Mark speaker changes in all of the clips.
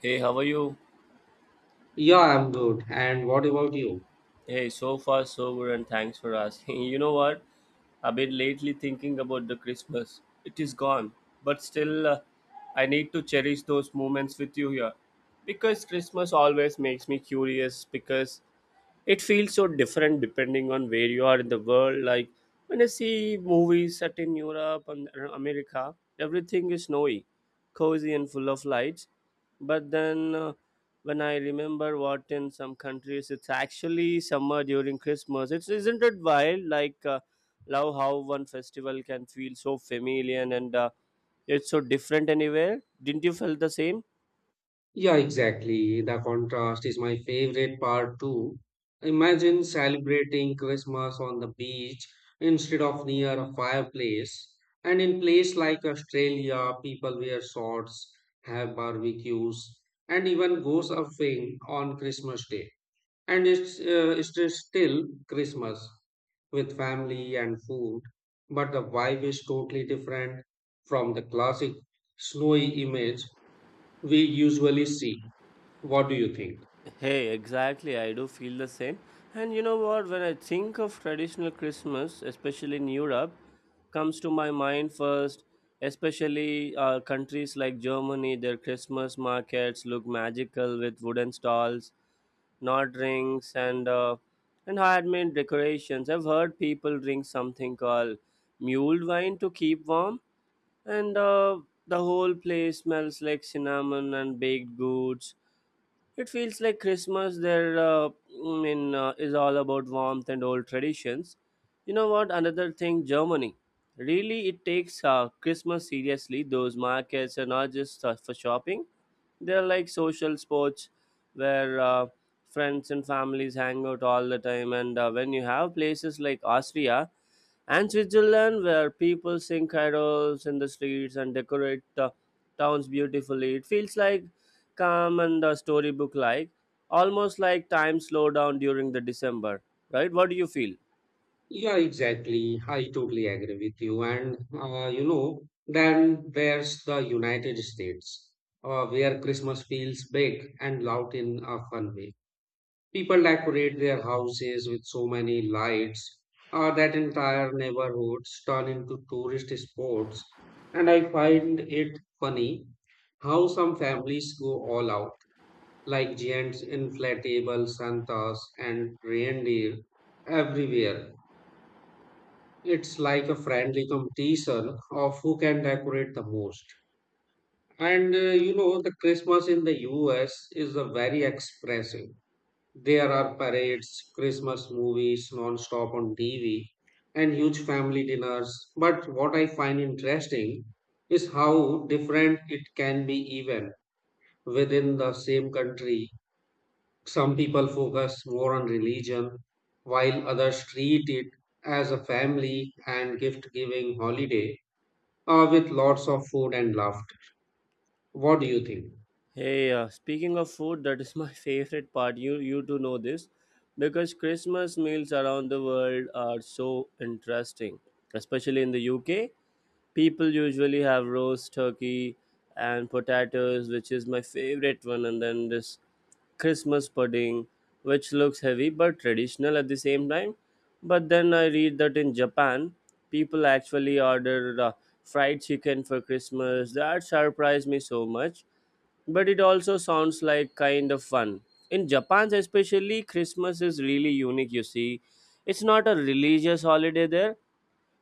Speaker 1: Hey, how are you?
Speaker 2: Yeah, I'm good. And what about you?
Speaker 1: Hey, so far so good, and thanks for asking. You know what? I've been lately thinking about the Christmas. It is gone, but still, I need to cherish those moments with you here, because Christmas always makes me curious. Because it feels so different depending on where you are in the world like when I see movies set in Europe and America, everything is snowy, cozy and full of lights, but then when I remember what in some countries it's actually summer during Christmas, it's isn't it wild like love how one festival can feel so familiar and it's so different anywhere, didn't you feel the same?
Speaker 2: Yeah, exactly. The contrast is my favorite part too. Imagine celebrating Christmas on the beach instead of near a fireplace. And in place like Australia, people wear shorts, have barbecues, and even go surfing on Christmas Day. And it's just still Christmas with family and food, but the vibe is totally different from the classic snowy image we usually see. What do you think?
Speaker 1: Hey, exactly. I do feel the same. And you know what? When I think of traditional Christmas, especially in Europe, comes to my mind first. Especially countries like Germany, their Christmas markets look magical with wooden stalls, knot rings, and handmade decorations. I've heard people drink something called mule wine to keep warm, and the whole place smells like cinnamon and baked goods. It feels like Christmas there is all about warmth and old traditions. You know what? Another thing, Germany. Really, it takes Christmas seriously. Those markets are not just for shopping, they're like social sports where friends and families hang out all the time. And when you have places like Austria and Switzerland, where people sing carols in the streets and decorate the towns beautifully. It feels like calm and a storybook like, almost like time slow down during the December, right? What do you feel?
Speaker 2: Yeah, exactly. I totally agree with you. And, you know, then there's the United States, where Christmas feels big and loud in a fun way. People decorate their houses with so many lights that entire neighborhoods turn into tourist spots. And I find it funny how some families go all out, like giants, inflatable Santas, and reindeer everywhere. It's like a friendly competition of who can decorate the most. And You know, the Christmas in the US is a very expressive. There are parades, Christmas movies non-stop on TV, and huge family dinners. But what I find interesting is how different it can be even within the same country. Some people focus more on religion, while others treat it as a family and gift-giving holiday, with lots of food and laughter. What do you think?
Speaker 1: Hey, speaking of food, that is my favorite part. You do know this, because Christmas meals around the world are so interesting, especially in the UK. People usually have roast turkey and potatoes, which is my favorite one, and then this Christmas pudding, which looks heavy but traditional at the same time. But then I read that in Japan, people actually order fried chicken for Christmas. That surprised me so much. But it also sounds like kind of fun. In Japan, especially, Christmas is really unique, you see. It's not a religious holiday there,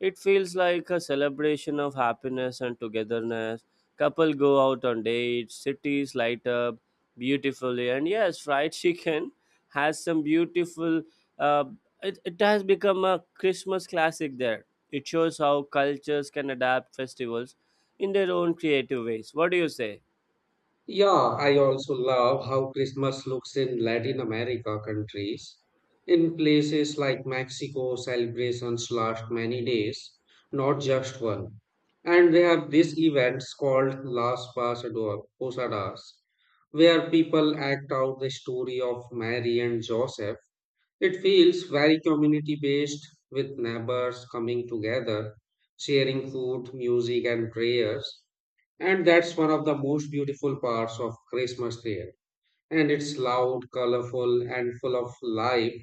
Speaker 1: it feels like a celebration of happiness and togetherness. Couple go out on dates, cities light up beautifully, and yes, fried chicken has some beautiful. Uh, it has become a Christmas classic there. It shows how cultures can adapt festivals in their own creative ways. What do you say?
Speaker 2: Yeah, I also love how Christmas looks in Latin America countries. In places like Mexico, celebrations last many days, not just one. And they have these events called Posadas, where people act out the story of Mary and Joseph. It feels very community based, with neighbors coming together, sharing food, music, and prayers. And that's one of the most beautiful parts of Christmas here. And it's loud, colorful, and full of life.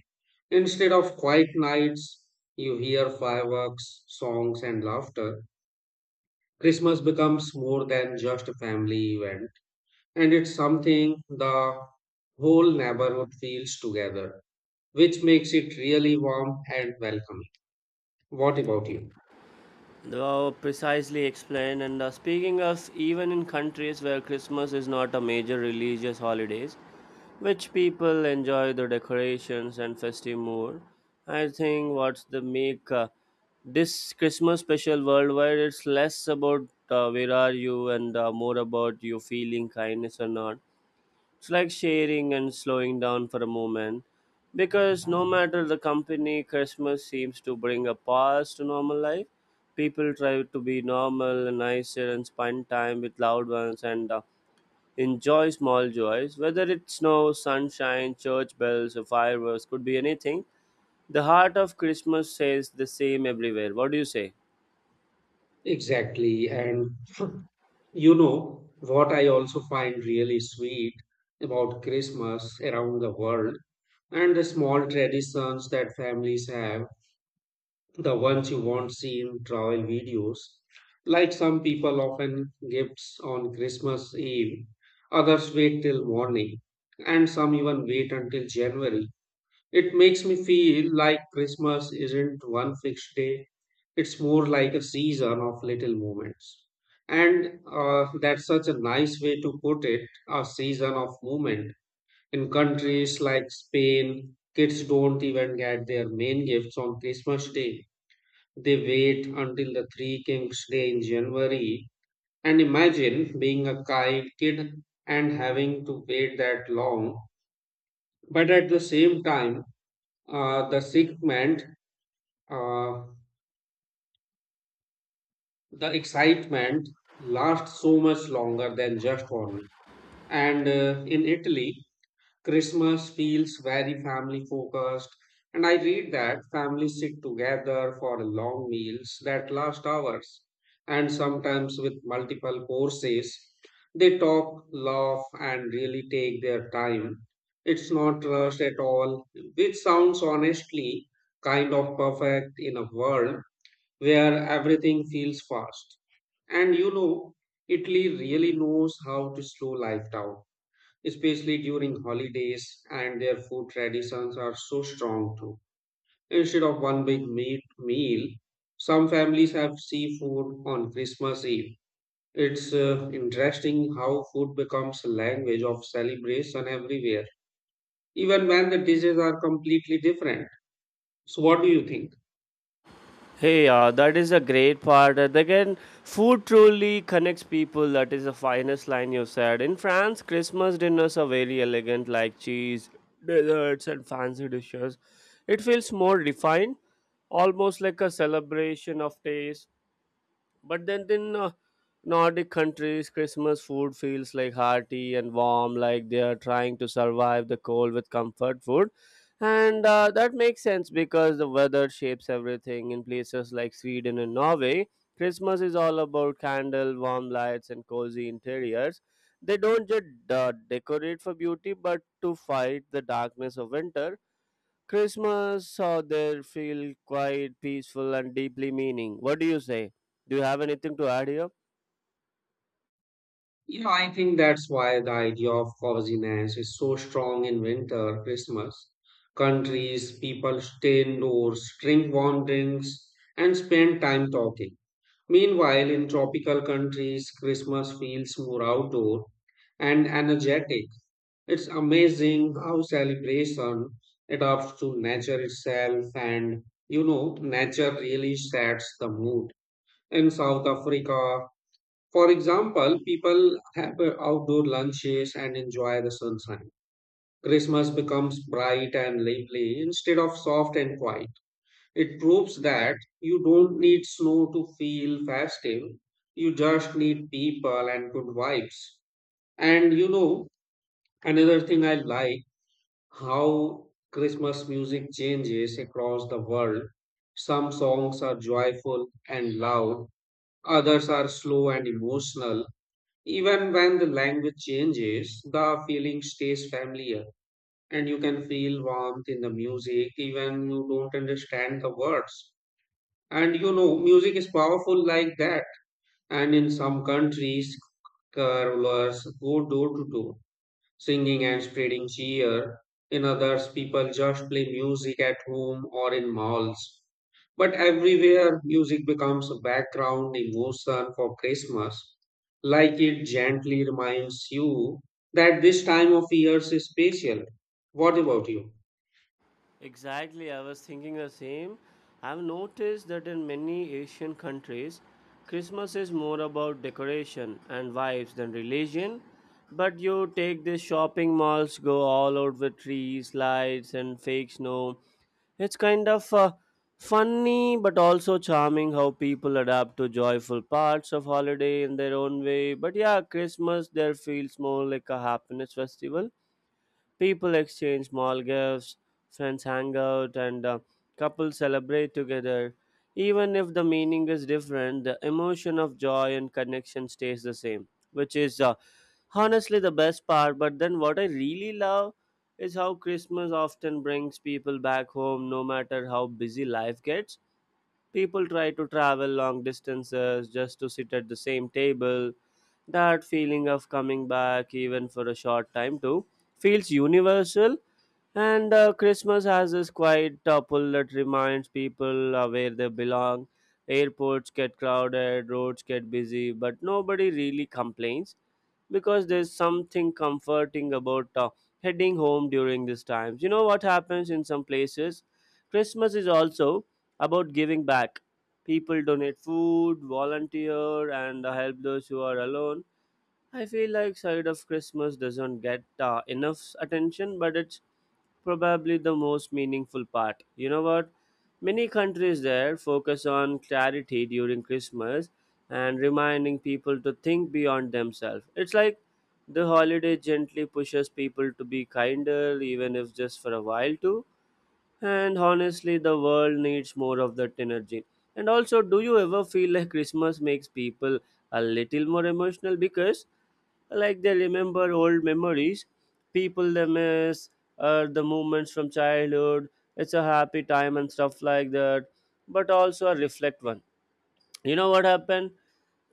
Speaker 2: Instead of quiet nights, you hear fireworks, songs, and laughter. Christmas becomes more than just a family event, and it's something the whole neighborhood feels together, which makes it really warm and welcoming. What about you?
Speaker 1: Well, precisely explained. And speaking of even in countries where Christmas is not a major religious holidays, which people enjoy the decorations and festive mood. I think what's the make this Christmas special worldwide. It's less about where are you and more about you feeling kindness or not. It's like sharing and slowing down for a moment because no matter the company, Christmas seems to bring a pause to normal life. People try to be normal and nicer and spend time with loved ones and enjoy small joys, whether it's snow, sunshine, church bells, or fireworks, could be anything. The heart of Christmas says the same everywhere. What do you say?
Speaker 2: Exactly. And you know what, I also find really sweet about Christmas around the world and the small traditions that families have, the ones you won't see in travel videos. Like some people often gifts on Christmas Eve, others wait till morning, and some even wait until January. It makes me feel like Christmas isn't one fixed day, it's more like a season of little moments. And That's such a nice way to put it, a season of movement. In countries like Spain, kids don't even get their main gifts on Christmas Day. They wait until the Three Kings Day in January. And imagine being a kid and having to wait that long. But at the same time, the sick man uh, the excitement lasts so much longer than just only. And In Italy, Christmas feels very family focused. And I read that families sit together for long meals that last hours, and sometimes with multiple courses. They talk, laugh, and really take their time. It's not rushed at all, which sounds honestly kind of perfect in a world where everything feels fast. And you know, Italy really knows how to slow life down, especially during holidays, and their food traditions are so strong too. Instead of one big meat meal, some families have seafood on Christmas Eve. It's interesting how food becomes a language of celebration everywhere, even when the dishes are completely different. So, what do you think?
Speaker 1: Hey, that is a great part. And again, food truly connects people. That is the finest line you said. In France, Christmas dinners are very elegant, like cheese, desserts, and fancy dishes. It feels more refined, almost like a celebration of taste. But then in Nordic countries, Christmas food feels like hearty and warm, like they are trying to survive the cold with comfort food. And that makes sense because the weather shapes everything. In places like Sweden and Norway, Christmas is all about candle, warm lights, and cozy interiors. They don't just decorate for beauty, but to fight the darkness of winter. Christmas out there feel quite peaceful and deeply meaning. What do you say? Do you have anything to add here?
Speaker 2: You know, I think that's why the idea of coziness is so strong in winter, Christmas. Countries, people stay indoors, drink warm drinks, and spend time talking. Meanwhile, in tropical countries, Christmas feels more outdoor and energetic. It's amazing how celebration adapts to nature itself, and you know, nature really sets the mood. In South Africa, for example, people have outdoor lunches and enjoy the sunshine. Christmas becomes bright and lively instead of soft and quiet. It proves that you don't need snow to feel festive, you just need people and good vibes. And you know, another thing I like how Christmas music changes across the world. Some songs are joyful and loud, others are slow and emotional even when the language changes, the feeling stays familiar, and you can feel warmth in the music even you don't understand the words. And you know, music is powerful like that. And in some countries, carolers go door to door singing and spreading cheer. In others, people just play music at home or in malls. But everywhere, music becomes a background emotion for Christmas, like it gently reminds you that this time of year is special. What about you?
Speaker 1: Exactly, I was thinking the same. I've noticed that in many Asian countries, Christmas is more about decoration and vibes than religion. But you take these shopping malls, go all out with trees, lights, and fake snow. It's kind of funny but also charming how people adapt to joyful parts of holiday in their own way. But yeah, Christmas there feels more like a happiness festival. People exchange small gifts, friends hang out, and couples celebrate together. Even if the meaning is different, the emotion of joy and connection stays the same, which is honestly the best part. But then, what I really love is how Christmas often brings people back home no matter how busy life gets. People try to travel long distances just to sit at the same table. That feeling of coming back, even for a short time, too, feels universal and Christmas has this quiet topple that reminds people where they belong. Airports get crowded, roads get busy, but nobody really complains because there's something comforting about heading home during these times. You know what happens in some places? Christmas is also about giving back. People donate food, volunteer, and help those who are alone. I feel like side of Christmas doesn't get enough attention, but it's probably the most meaningful part. You know what? Many countries there focus on charity during Christmas and reminding people to think beyond themselves. It's like the holiday gently pushes people to be kinder, even if just for a while, too. And honestly, the world needs more of that energy. And also, do you ever feel like Christmas makes people a little more emotional because, like, they remember old memories, people they miss, or the moments from childhood? It's a happy time and stuff like that, but also a reflect one. You know what happened?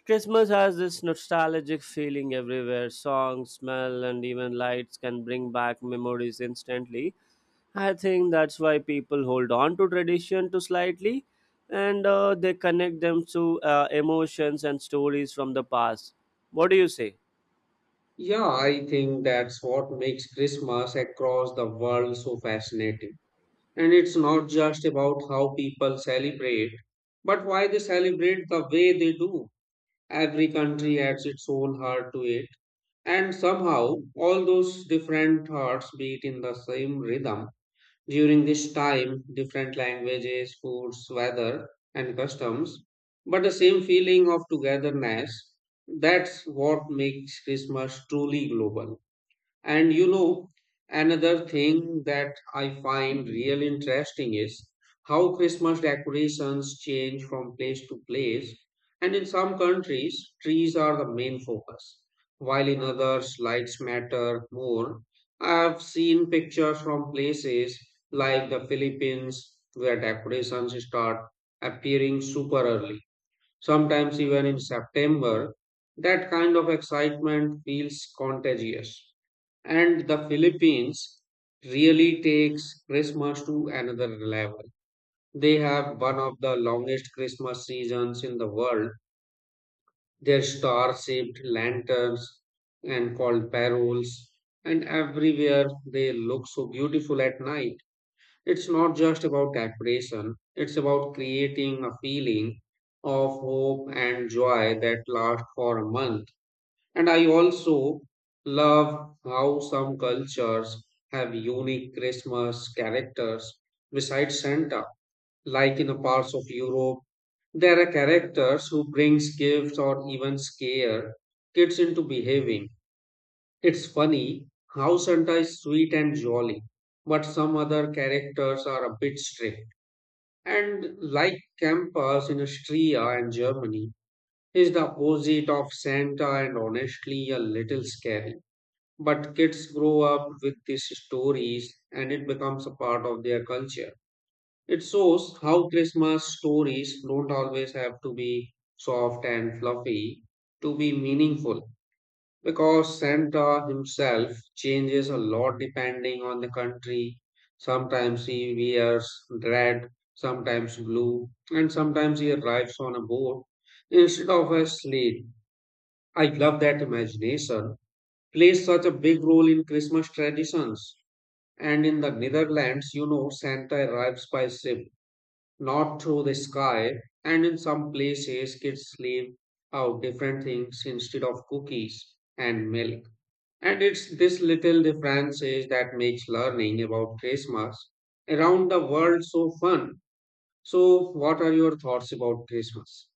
Speaker 1: Christmas has this nostalgic feeling everywhere. Songs, smell, and even lights can bring back memories instantly. I think that's why people hold on to tradition to slightly and they connect them to emotions and stories from the past. What do you say?
Speaker 2: Yeah, I think that's what makes Christmas across the world so fascinating. And it's not just about how people celebrate, but why they celebrate the way they do. Every country adds its own heart to it, and somehow all those different hearts beat in the same rhythm. During this time, different languages, foods, weather, and customs, but the same feeling of togetherness. That's what makes Christmas truly global. And you know, another thing that I find real interesting is how Christmas decorations change from place to place. And in some countries, trees are the main focus, while in others, lights matter more. I've seen pictures from places like the Philippines where decorations start appearing super early, sometimes even in September. That kind of excitement feels contagious and the Philippines really takes Christmas to another level. They have one of the longest Christmas seasons in the world. Their star shaped lanterns and called paroles, and everywhere they look so beautiful at night. It's not just about decoration, it's about creating a feeling of hope and joy that lasts for a month. And I also love how some cultures have unique Christmas characters besides Santa. Like in the parts of Europe, there are characters who brings gifts or even scare kids into behaving. It's funny how Santa is sweet and jolly, but some other characters are a bit strict. And like Campus in Austria and Germany, is the opposite of Santa and honestly a little scary. But kids grow up with these stories and it becomes a part of their culture. It shows how Christmas stories don't always have to be soft and fluffy to be meaningful because Santa himself changes a lot depending on the country. Sometimes he wears red, sometimes blue, and sometimes he arrives on a boat instead of a sled. I love that imagination plays such a big role in Christmas traditions. And in the Netherlands, you know, Santa arrives by ship, not through the sky. And in some places, kids leave out different things instead of cookies and milk. And it's this little differences that makes learning about Christmas around the world so fun. So, what are your thoughts about Christmas?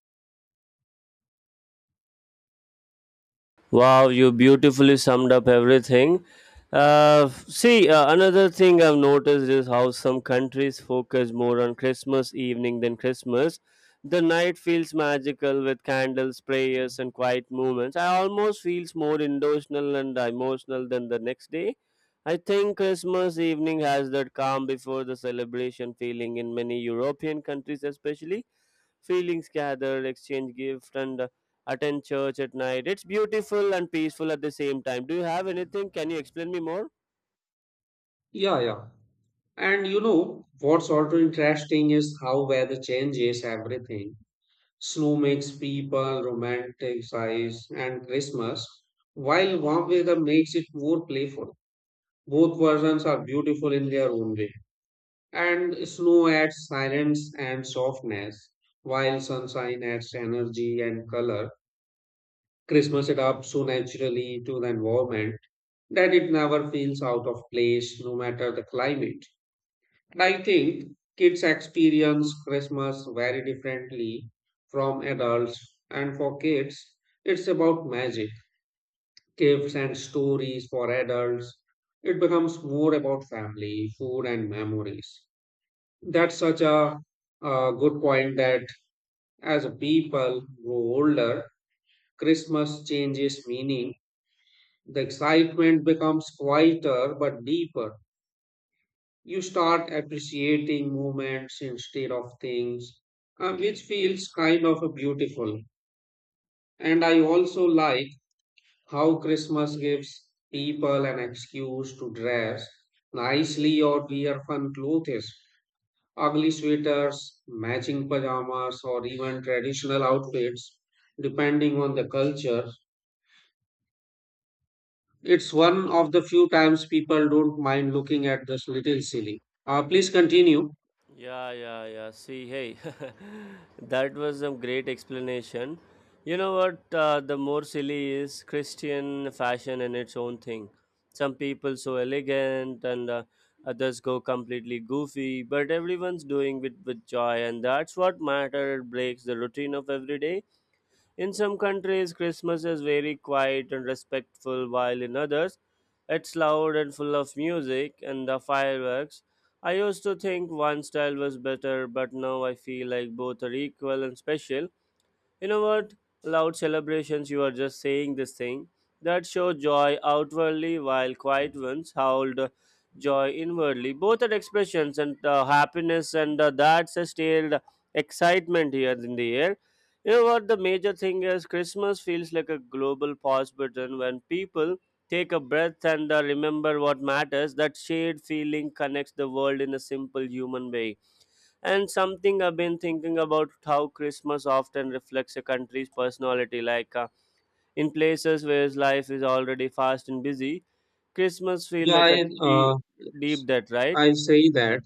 Speaker 1: Wow, you beautifully summed up everything. See, another thing I've noticed is how some countries focus more on Christmas evening than Christmas. The night feels magical with candles, prayers, and quiet moments. I almost feels more emotional and emotional than the next day. I think Christmas evening has that calm before the celebration feeling in many European countries, especially feelings gathered, exchange gift, and attend church at night. It's beautiful and peaceful at the same time. Do you have anything? Can you explain me more?
Speaker 2: Yeah, yeah. And you know, what's also interesting is how weather changes everything. Snow makes people romanticize and Christmas, while warm weather makes it more playful. Both versions are beautiful in their own way. And snow adds silence and softness, while sunshine adds energy and color. Christmas adapts so naturally to the environment that it never feels out of place, no matter the climate. I think kids experience Christmas very differently from adults, and for kids, it's about magic, gifts, and stories. For adults, it becomes more about family, food, and memories. That's such a good point that as people grow older, Christmas changes meaning. The excitement becomes quieter but deeper. You start appreciating moments instead of things, which feels kind of beautiful. And I also like how Christmas gives people an excuse to dress nicely or wear fun clothes, ugly sweaters, matching pajamas, or even traditional outfits, depending on the culture. It's one of the few times people don't mind looking at this little silly. Please continue.
Speaker 1: Yeah, yeah, yeah. See, hey, that was a great explanation. You know what? The more silly is Christian fashion and its own thing. Some people so elegant, and others go completely goofy. But everyone's doing it with joy, and that's what matter. It breaks the routine of every day. In some countries, Christmas is very quiet and respectful, while in others, it's loud and full of music and the fireworks. I used to think one style was better, but now I feel like both are equal and special. You know what? Loud celebrations, you are just saying this thing that show joy outwardly while quiet ones howled joy inwardly. Both are expressions and happiness, and that's a stale excitement here in the air. You know what? The major thing is Christmas feels like a global pause button when people take a breath and remember what matters. That shared feeling connects the world in a simple human way. And something I've been thinking about how Christmas often reflects a country's personality. Like in places where life is already fast and busy, Christmas feel like a deep, deep
Speaker 2: Yes,
Speaker 1: debt, right?
Speaker 2: I say that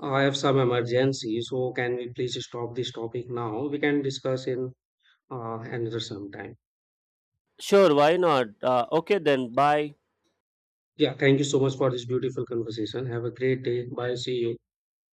Speaker 2: I have some emergency, so can we please stop this topic now? We can discuss in another sometime.
Speaker 1: Sure, why not? Okay then, bye.
Speaker 2: Yeah, thank you so much for this beautiful conversation. Have a great day. Bye. See you.